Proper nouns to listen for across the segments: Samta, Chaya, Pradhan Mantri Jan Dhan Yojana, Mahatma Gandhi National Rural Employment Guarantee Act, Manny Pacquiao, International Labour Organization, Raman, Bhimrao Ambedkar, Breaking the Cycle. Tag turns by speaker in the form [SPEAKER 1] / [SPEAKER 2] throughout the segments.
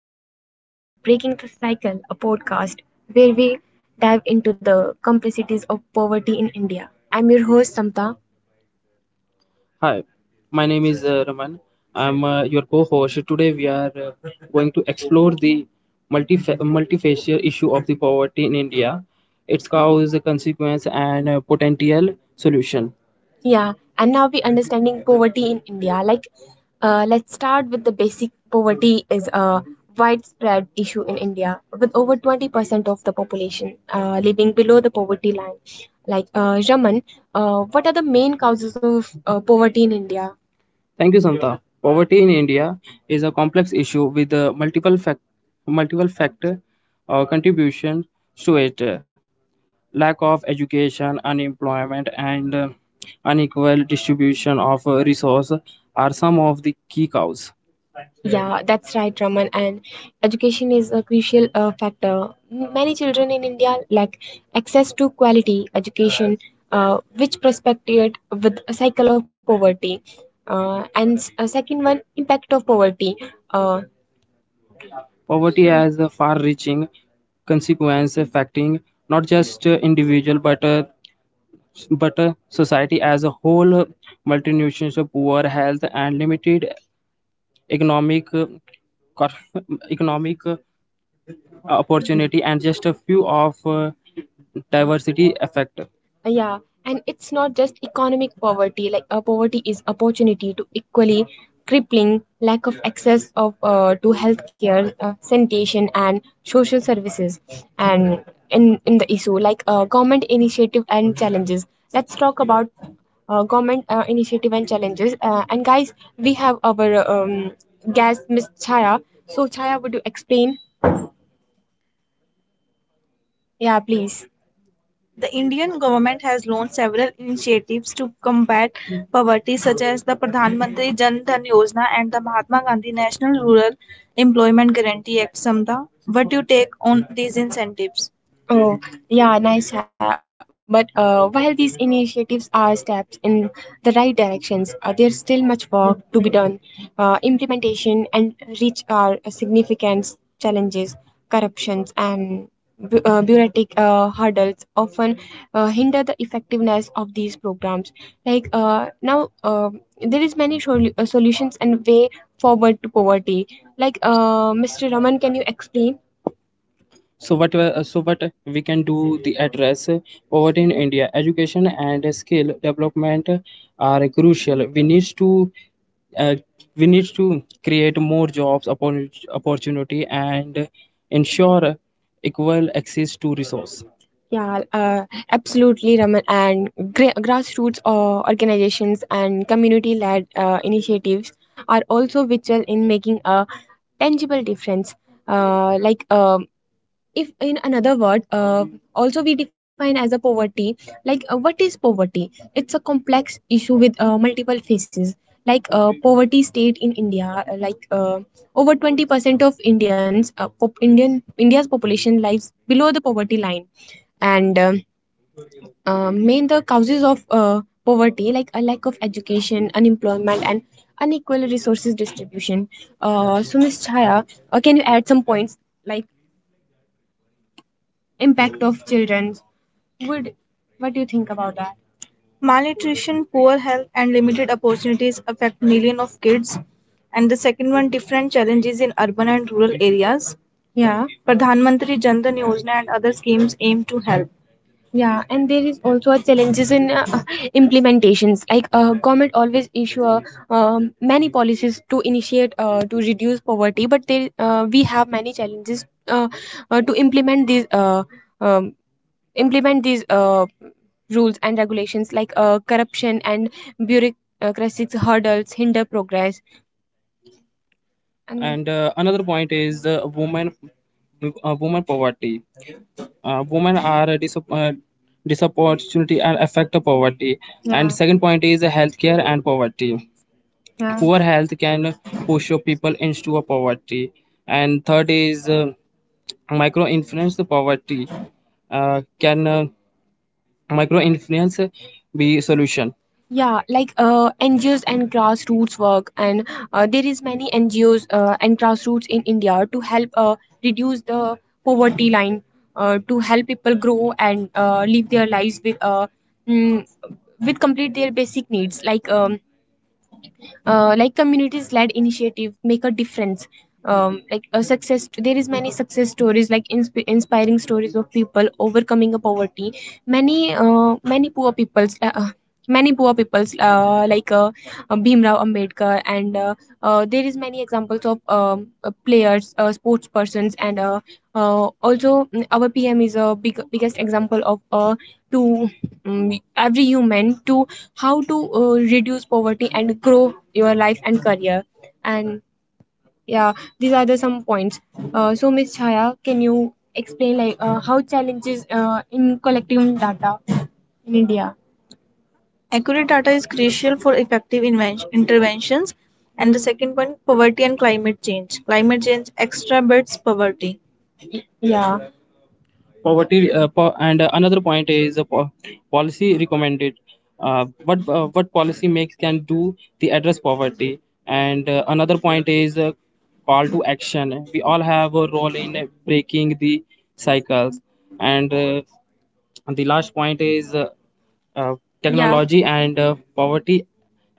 [SPEAKER 1] namaste, and welcome to Breaking the Cycle, a podcast where we dive into the complexities of poverty in India. I'm your host, Samta. Hi, my name is Raman. I'm your co-host. Today we are going to explore the multifaceted issue of the poverty in India, its cause, consequence, and potential solution. Yeah, and now we understanding poverty in India. Like, let's start with the basic. Poverty is a widespread issue in India, with over 20% of the population living below the poverty line. Like, Raman, what are the main causes of poverty in India? Thank you, Santa. Poverty in India is a complex issue with multiple factor or contributions to it lack of education, unemployment, and unequal distribution of resources are some of the key causes. Yeah, that's right, Raman. And education is a crucial factor. Many children in India lack access to quality education, which prospected with a cycle of poverty. And a second one, impact of poverty. Uh, Poverty has a far-reaching consequence affecting not just individual, but society as a whole, multinational poor health and limited economic cor- economic opportunity and just a few of diversity effect. Yeah, and it's not just economic poverty, like poverty is opportunity to equally crippling lack of access of to healthcare, sanitation and social services. And in the issue, like government initiative and challenges, let's talk about government initiative and challenges. And guys, we have our guest Miss Chaya. So Chaya, would you explain? Yeah, please. The Indian government has launched several initiatives to combat poverty, such as the Pradhan Mantri Jan Dhan Yojana and the Mahatma Gandhi National Rural Employment Guarantee Act. Samta, what do you take on these incentives? Oh, yeah, nice. But while these initiatives are steps in the right directions, there's still much work to be done. Implementation and reach are significant challenges. Corruptions and bureaucratic hurdles often hinder the effectiveness of these programs. Like now, there is many solutions and way forward to poverty. Like Mr. Raman, can you explain? So what we can do the address poverty in India. Education and skill development are crucial. We need uh, to create more jobs opportunity and ensure equal access to resource. Yeah, absolutely, Raman. And grassroots organizations and community-led initiatives are also vital in making a tangible difference. Like if in another word, also we define as a poverty, like what is poverty? It's a complex issue with multiple faces. Like poverty state in India, like over 20% of indians pop- indian India's population lives below the poverty line. And main the causes of poverty, like a lack of education, unemployment, and unequal resources distribution. So Miss Chaya, can you add some points like impact of children would, what do you think about that? Malnutrition, poor health, and limited opportunities affect millions of kids. And the second one, different challenges in urban and rural areas. Yeah, Pradhan Mantri Jan Dhan Yojana and other schemes aim to help. Yeah, and there is also a challenges in implementations. Like government always issue many policies to initiate to reduce poverty, but there we have many challenges to implement um, these rules and regulations. Like corruption and bureaucratic hurdles hinder progress. And another point is woman poverty. Women are a disopportunity and affect the poverty. Yeah. And yeah, second point is healthcare and poverty. Yeah. Poor health can push your people into a poverty. And third is micro influence poverty. uh, can micro influence be solution? Yeah, like NGOs and grassroots work, and there is many NGOs and grassroots in India to help reduce the poverty line, to help people grow and live their lives mm, with complete their basic needs, like communities led initiative make a difference. Like a success, there is many success stories, like inspiring stories of people overcoming a poverty. Many poor people's like Bhimrao Ambedkar. And there is many examples of players, sports persons, and also, our PM is a biggest example of to, every human to how to reduce poverty and grow your life and career. And yeah, these are the some points. So Miss Chaya, can you explain, like how challenges in collecting data in India? Accurate data is crucial for effective interventions. And the second point, poverty and climate change. Climate change exacerbates poverty. Yeah. And another point is policy recommended. What policy makes can do the address poverty. And another point is call to action. We all have a role in breaking the cycles. And the last point is uh, yeah, technology and poverty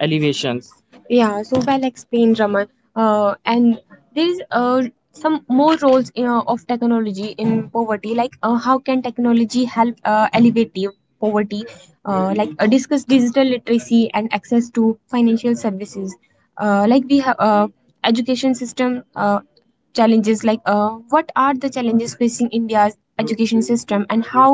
[SPEAKER 1] alleviations. Yeah, so well explained, Raman. And there is some more roles of technology in poverty. Like how can technology help alleviate the poverty? Like discuss digital literacy and access to financial services. Like we have education system. Challenges, like what are the challenges facing India's education system and how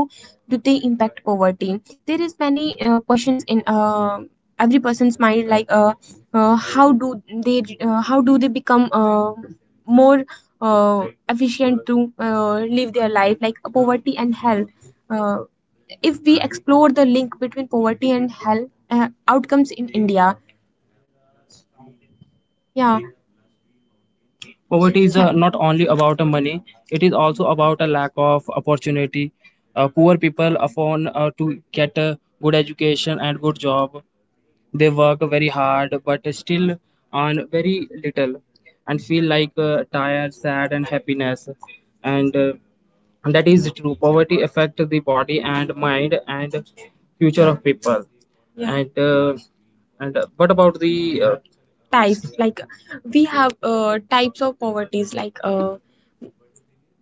[SPEAKER 1] do they impact poverty? There is many questions in every person's mind, like how do they they become more uh, efficient to live their life. Like poverty and health, uh, if we explore the link between poverty and health outcomes in India. Yeah. Poverty is not only about money, it is also about a lack of opportunity. Poor people often to get a good education and good job. They work very hard but still earn very little and feel like tired, sad and happiness. And that is true. Poverty affects the body and mind and future of people. Yeah. And what about the types, like we have types of poverties? Like uh,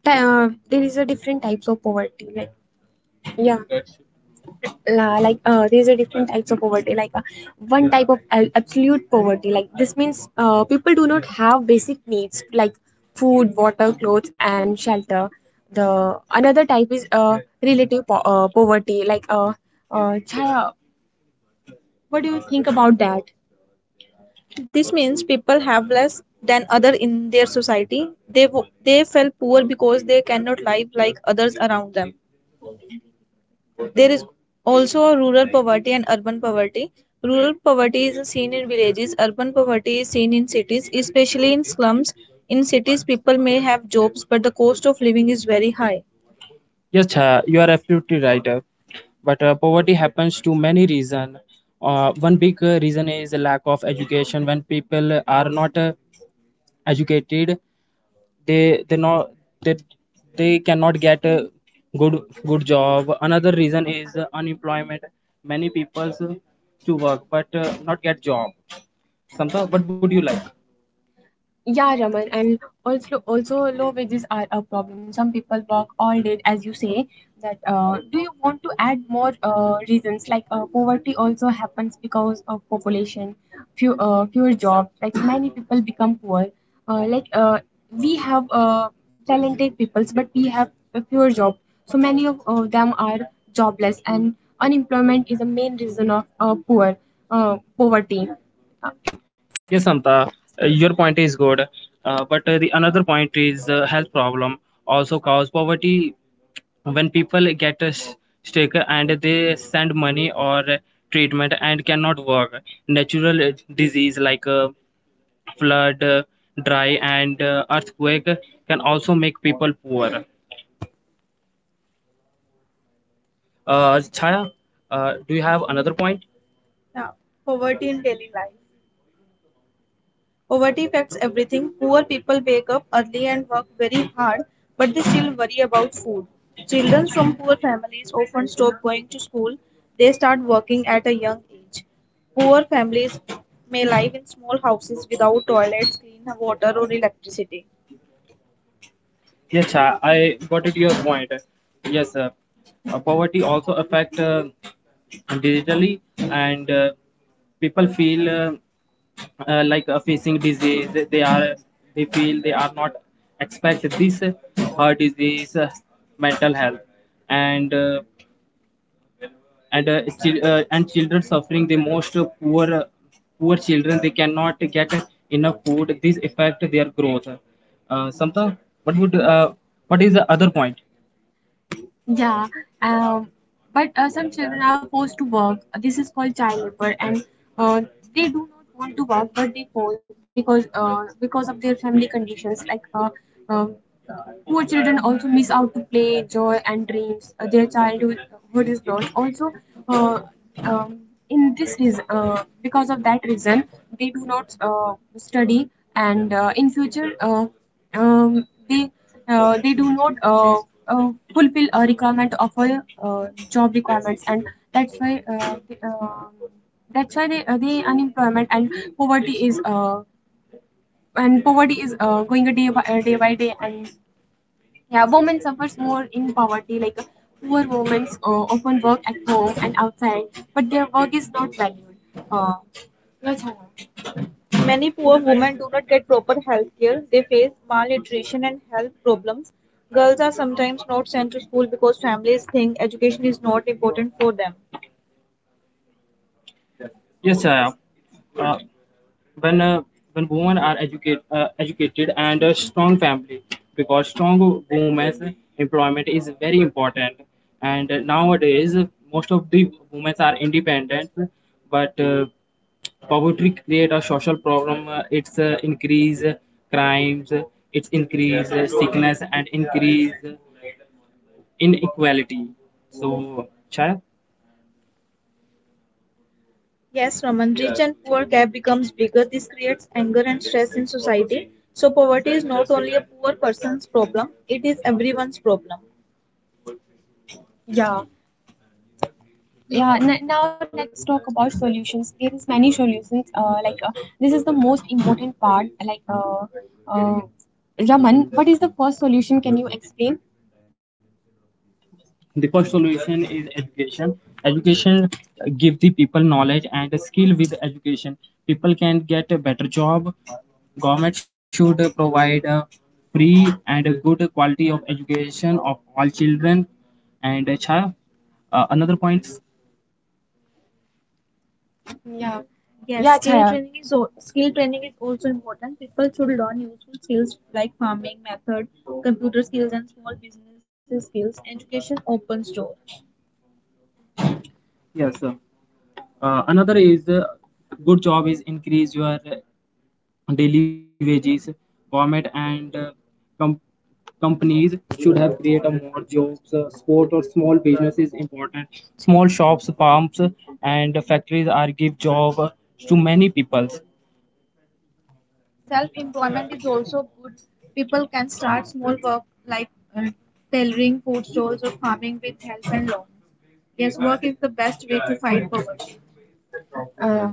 [SPEAKER 1] ty- uh there is a different types of poverty, like, yeah, like these are different types of poverty. Like one type of absolute poverty, like this means people do not have basic needs like food, water, clothes, and shelter. The another type is relative poverty. Like Chaya, what do you think about that? This means people have less than other in their society. They wo- they feel poor because they cannot live like others around them. There is also a rural poverty and urban poverty. Rural poverty is seen in villages, urban poverty is seen in cities, especially in slums. In cities, people may have jobs, but the cost of living is very high. Yes, you are absolutely right. But poverty happens to many reasons. One big reason is a lack of education. When people are not educated, they not they, they cannot get a good job. Another reason is unemployment, many people to work but not get job. Samta, what would you like? Yeah, Raman, and also low wages are a problem. Some people work all day, as you say. That Do you want to add more reasons? Like poverty also happens because of population, fewer jobs. Like many people become poor. Like we have talented peoples, but we have a fewer jobs. So many of them are jobless, and unemployment is a main reason of poor poverty. Yes, Anta, your point is good, but the another point is health problem also cause poverty when people get sick and they send money or treatment and cannot work. Natural disease like flood, dry, and earthquake can also make people poor. Chaya, do you have another point? Affects everything. Poor people wake up early and work very hard, but they still worry about food. Children from poor families often stop going to school. They start working at a young age. Poor families may live in small houses without toilets, clean water, or electricity. Yes, Shah, I got it your point. Yes, poverty also affect digitally, and people feel facing disease they feel they are not expect this heart disease, mental health, and uh, and children suffering the most. Poor poor children, they cannot get enough food. This affect their growth. Samta, what would uh, what is the other point? Yeah, um, but some children are forced to work. This is called child labor, and uh, they do not want to work, but they force because of their family conditions. Um Poor children also miss out to play, joy, and dreams. Their childhood is lost. Also, uh, um, because of that reason, they do not study, and in future, um, they they do not fulfill a requirement of a job requirements, and that's why uh, they, uh, that's why they the unemployment poverty is uh, and poverty is going a day by day by day. And yeah, women suffers more in poverty. Poor women often work at home and outside, but their work is not valued. Uh, yeah, Chana. Many poor women do not get proper health care. They face malnutrition and health problems. Girls are sometimes not sent to school because families think education is not important for them. Yes, Chaya. Uh, when uh, when women are educated and a strong family, because strong women's employment is very important, and nowadays most of the women are independent. But poverty create a social problem. It's increase crimes, it's increase sickness, and increase inequality. So, Chaya? Yes, Raman. Yeah, rich. Yes. And poor gap becomes bigger. This creates anger and stress in society. So poverty is not only a poor person's problem, it is everyone's problem. Yeah. Yeah. Now let's talk about solutions. There is many solutions. This is the most important part. Uh, Raman, what is the first solution? Can you explain? The first solution is education. Education give the people knowledge and a skill. With education, people can get a better job. Government should provide a free and a good quality of education of all children. And Chaya, another point. Yeah. Yes. Yeah, skill Chaya. Training is skill training is also important. People should learn useful skills like farming method, computer skills, and small businesses skills. Education opens door. Yes, sir. Another is good job is increase your daily wages. Government and com companies should have created more jobs. Sport or small business is important. Small shops, farms, and factories are give job to many people. uh,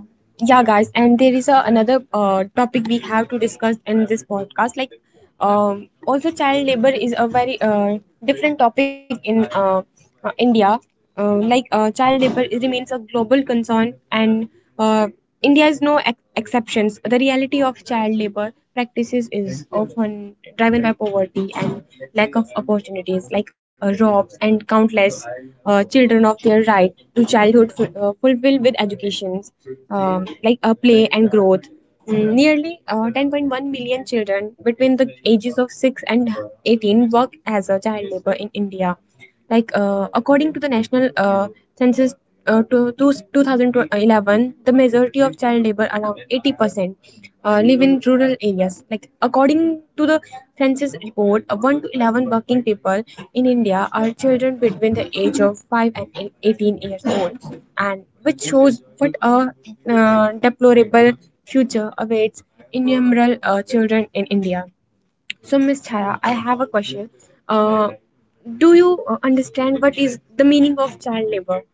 [SPEAKER 1] yeah, guys, and there is a another topic we have to discuss in this podcast. Um, Also, child labor is a very different topic in India. Uh, Child labor remains a global concern, and uh, India is no exceptions. The reality of child labor practices is often driven by poverty and lack of opportunities, robs and countless children of their right to childhood fulfilled with educations, play and growth. Mm. Nearly 10.1 million children between the ages of 6 and 18 work as a child labor in India. According to the National Census to 2011, the majority of child labor, around 80%, live in rural areas. Like, according to the census report, 1 to 11 working people in India are children between the age of 5 and 18 years old, and which shows what a deplorable future awaits innumerable children in India. So, Miss Chaya, I have a question. Uh, do you understand what is the meaning of child labor?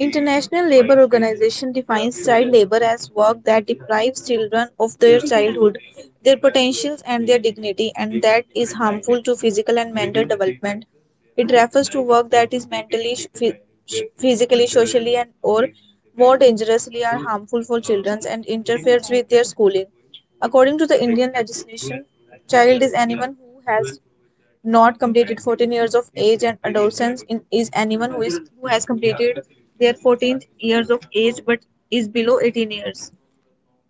[SPEAKER 1] International Labour Organization defines child labour as work that deprives children of their childhood, their potentials and their dignity, and that is harmful to physical and mental development. It refers to work that is mentally, physically, socially and or more dangerously are harmful for children and interferes with their schooling. According to the Indian legislation, child is anyone who has not completed 14 years of age, and adolescence is anyone who is who has completed their 14th years of age but is below 18 years.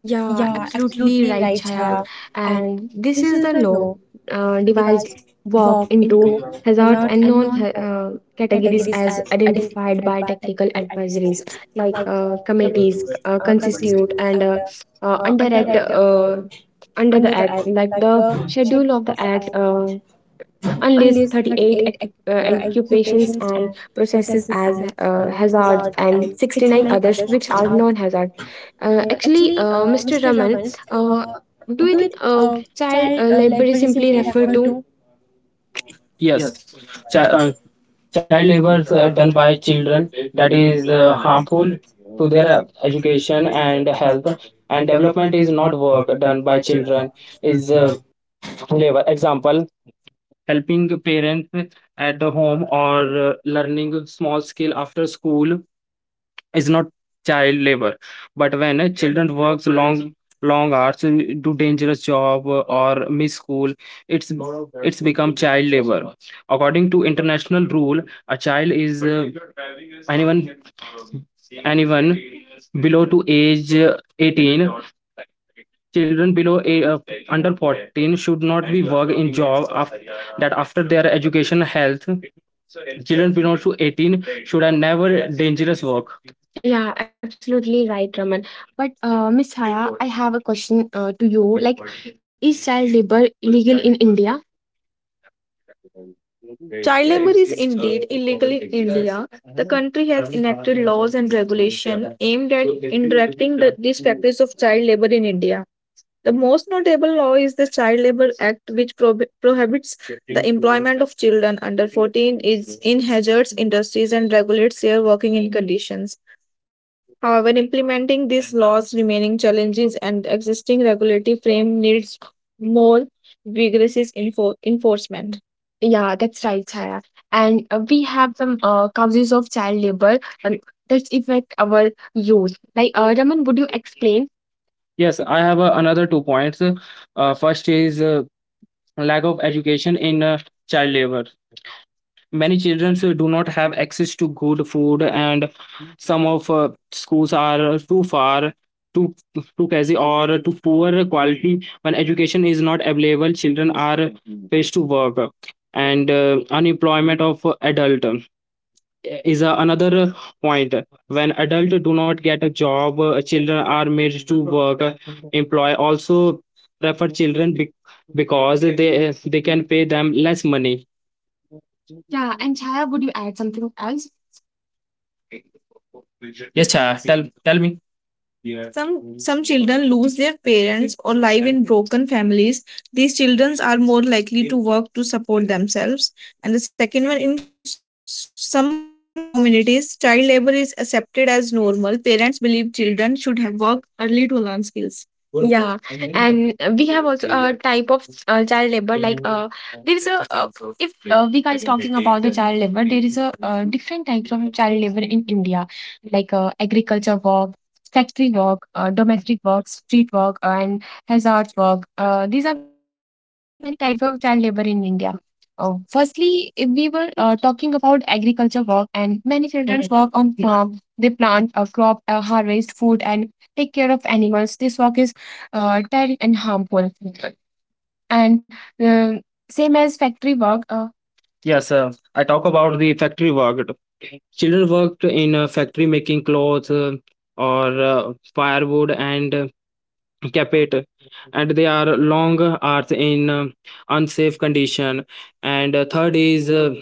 [SPEAKER 2] Yeah,
[SPEAKER 1] Yeah,
[SPEAKER 2] absolutely
[SPEAKER 1] absolutely
[SPEAKER 2] right,
[SPEAKER 1] right,
[SPEAKER 2] Chaya.
[SPEAKER 1] Chaya. And
[SPEAKER 2] And this
[SPEAKER 1] this
[SPEAKER 2] is the law
[SPEAKER 1] goes
[SPEAKER 2] divides work into hazards
[SPEAKER 1] hazards
[SPEAKER 2] and
[SPEAKER 1] and
[SPEAKER 2] categories
[SPEAKER 1] categories
[SPEAKER 2] as
[SPEAKER 1] as
[SPEAKER 2] identified
[SPEAKER 1] identified by
[SPEAKER 2] by technical
[SPEAKER 1] technical
[SPEAKER 2] advisories
[SPEAKER 1] advisors like
[SPEAKER 2] like
[SPEAKER 1] committees,
[SPEAKER 2] committees
[SPEAKER 1] consistent
[SPEAKER 2] constitute and
[SPEAKER 1] and
[SPEAKER 2] under at under
[SPEAKER 1] under
[SPEAKER 2] the
[SPEAKER 1] the
[SPEAKER 2] act
[SPEAKER 1] act,
[SPEAKER 2] like
[SPEAKER 1] like
[SPEAKER 2] the
[SPEAKER 1] the schedule
[SPEAKER 2] schedule of
[SPEAKER 1] of the
[SPEAKER 2] the
[SPEAKER 1] act,
[SPEAKER 2] act
[SPEAKER 1] unless
[SPEAKER 2] unless
[SPEAKER 1] 38
[SPEAKER 2] 38 occupations
[SPEAKER 1] occupations and
[SPEAKER 2] and
[SPEAKER 1] processes
[SPEAKER 2] processes
[SPEAKER 1] as
[SPEAKER 2] as
[SPEAKER 1] hazards
[SPEAKER 2] hazards
[SPEAKER 1] and
[SPEAKER 2] and
[SPEAKER 1] 69
[SPEAKER 2] 69
[SPEAKER 1] others
[SPEAKER 2] others
[SPEAKER 1] which
[SPEAKER 2] which are
[SPEAKER 1] are
[SPEAKER 2] non-hazard.
[SPEAKER 1] non-hazards. Actually, Mr.
[SPEAKER 2] Mr.
[SPEAKER 1] Raman,
[SPEAKER 2] Raman,
[SPEAKER 1] uh,
[SPEAKER 2] uh, do
[SPEAKER 1] do
[SPEAKER 2] you
[SPEAKER 1] it,
[SPEAKER 2] think child
[SPEAKER 1] child labor
[SPEAKER 2] labor
[SPEAKER 1] is
[SPEAKER 2] is
[SPEAKER 1] simply
[SPEAKER 2] simply
[SPEAKER 1] referred
[SPEAKER 2] referred
[SPEAKER 1] to.
[SPEAKER 2] to?
[SPEAKER 1] Yes,
[SPEAKER 2] Yes,
[SPEAKER 1] Chi
[SPEAKER 2] Chi-
[SPEAKER 1] uh,
[SPEAKER 2] uh,
[SPEAKER 1] child
[SPEAKER 2] child
[SPEAKER 1] labor
[SPEAKER 2] labor is
[SPEAKER 1] done
[SPEAKER 2] done
[SPEAKER 1] by
[SPEAKER 2] by
[SPEAKER 1] children
[SPEAKER 2] children.
[SPEAKER 1] that is harmful to their
[SPEAKER 2] Uh,
[SPEAKER 1] education
[SPEAKER 2] education
[SPEAKER 1] and
[SPEAKER 2] and
[SPEAKER 1] health,
[SPEAKER 2] health
[SPEAKER 1] and
[SPEAKER 2] and
[SPEAKER 1] development
[SPEAKER 2] development
[SPEAKER 1] is
[SPEAKER 2] is
[SPEAKER 1] not
[SPEAKER 2] not
[SPEAKER 1] work
[SPEAKER 2] work
[SPEAKER 1] done
[SPEAKER 2] done
[SPEAKER 1] by
[SPEAKER 2] by
[SPEAKER 1] children
[SPEAKER 2] children
[SPEAKER 1] is
[SPEAKER 2] is labor. Example, helping parents at the home or learning small skill after school is not child labor, but when children works long hours, do dangerous job, or miss school, it's it's become child labor. According to international rule, a child is anyone anyone below to age 18. Children below a, 14 should not after 18 you right. But Miss, to you country has aimed child labor in India. The most notable law is the Child Labor Act, which prohibits search industries and regulates their working in conditions. However, implementing these laws remaining challenges and the existing regulatory frame needs more vigorous enforcement. Yeah, that's right, Chaya. And we have some causes of child labor that affect our youth. Like, Raman, would you explain? Yes, I have another two points. First is lack of education in child labor. Many children who do not have access to good food and some of schools are too far too too crazy or too poor quality. When education is not available, children are faced to work, and unemployment of adult is another point. When adult do not get a job, children are made to work. Employ also prefer children because they can pay them less money. Yeah, and Chaya, would you add something else? Me. These children work to support themselves. And the second one, in some communities, child labor is accepted as normal. Parents believe children should have worked early to learn skills. Uh, we, uh, we can't child labor in India, like agriculture work, factory work, domestic work, street work, and hazard work. These are many types of child labor in India. Firstly, if we were talking about agriculture work, and many children. Mhm. Work on farm. They plant, crop, harvest food, and take care of animals. This work is tiring and harmful. And uh, same as factory work, yes, I talk about the factory work. Children worked in a factory making clothes or firewood and carpet, and they are long hours in unsafe condition. And third is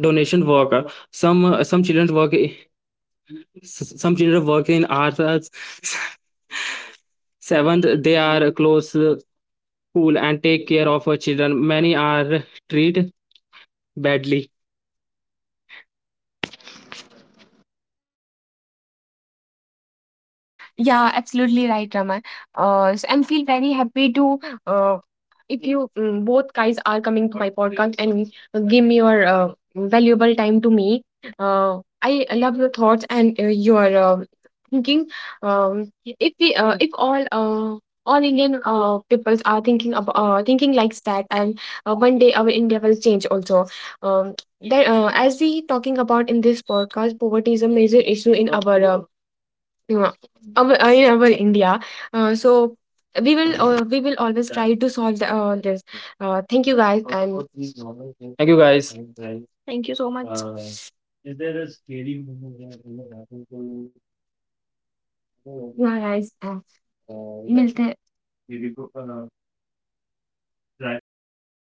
[SPEAKER 2] donation work. Some children work some children work in arts. Seventh, they are close school and take care of children. Many are treated badly. Yeah, absolutely right, Raman. So I'm feel very happy to uh, if you both guys are coming to my podcast and give me your valuable time to me. I love your thoughts and your thinking. If we if all Indian peoples are thinking about thinking like that, and one day our India will change also. Um, that as we talking about in this podcast, poverty is a major issue in our yeah, our, in our India. So we will always try to solve the, this. Thank you guys. Thank you so much. Yeah, guys.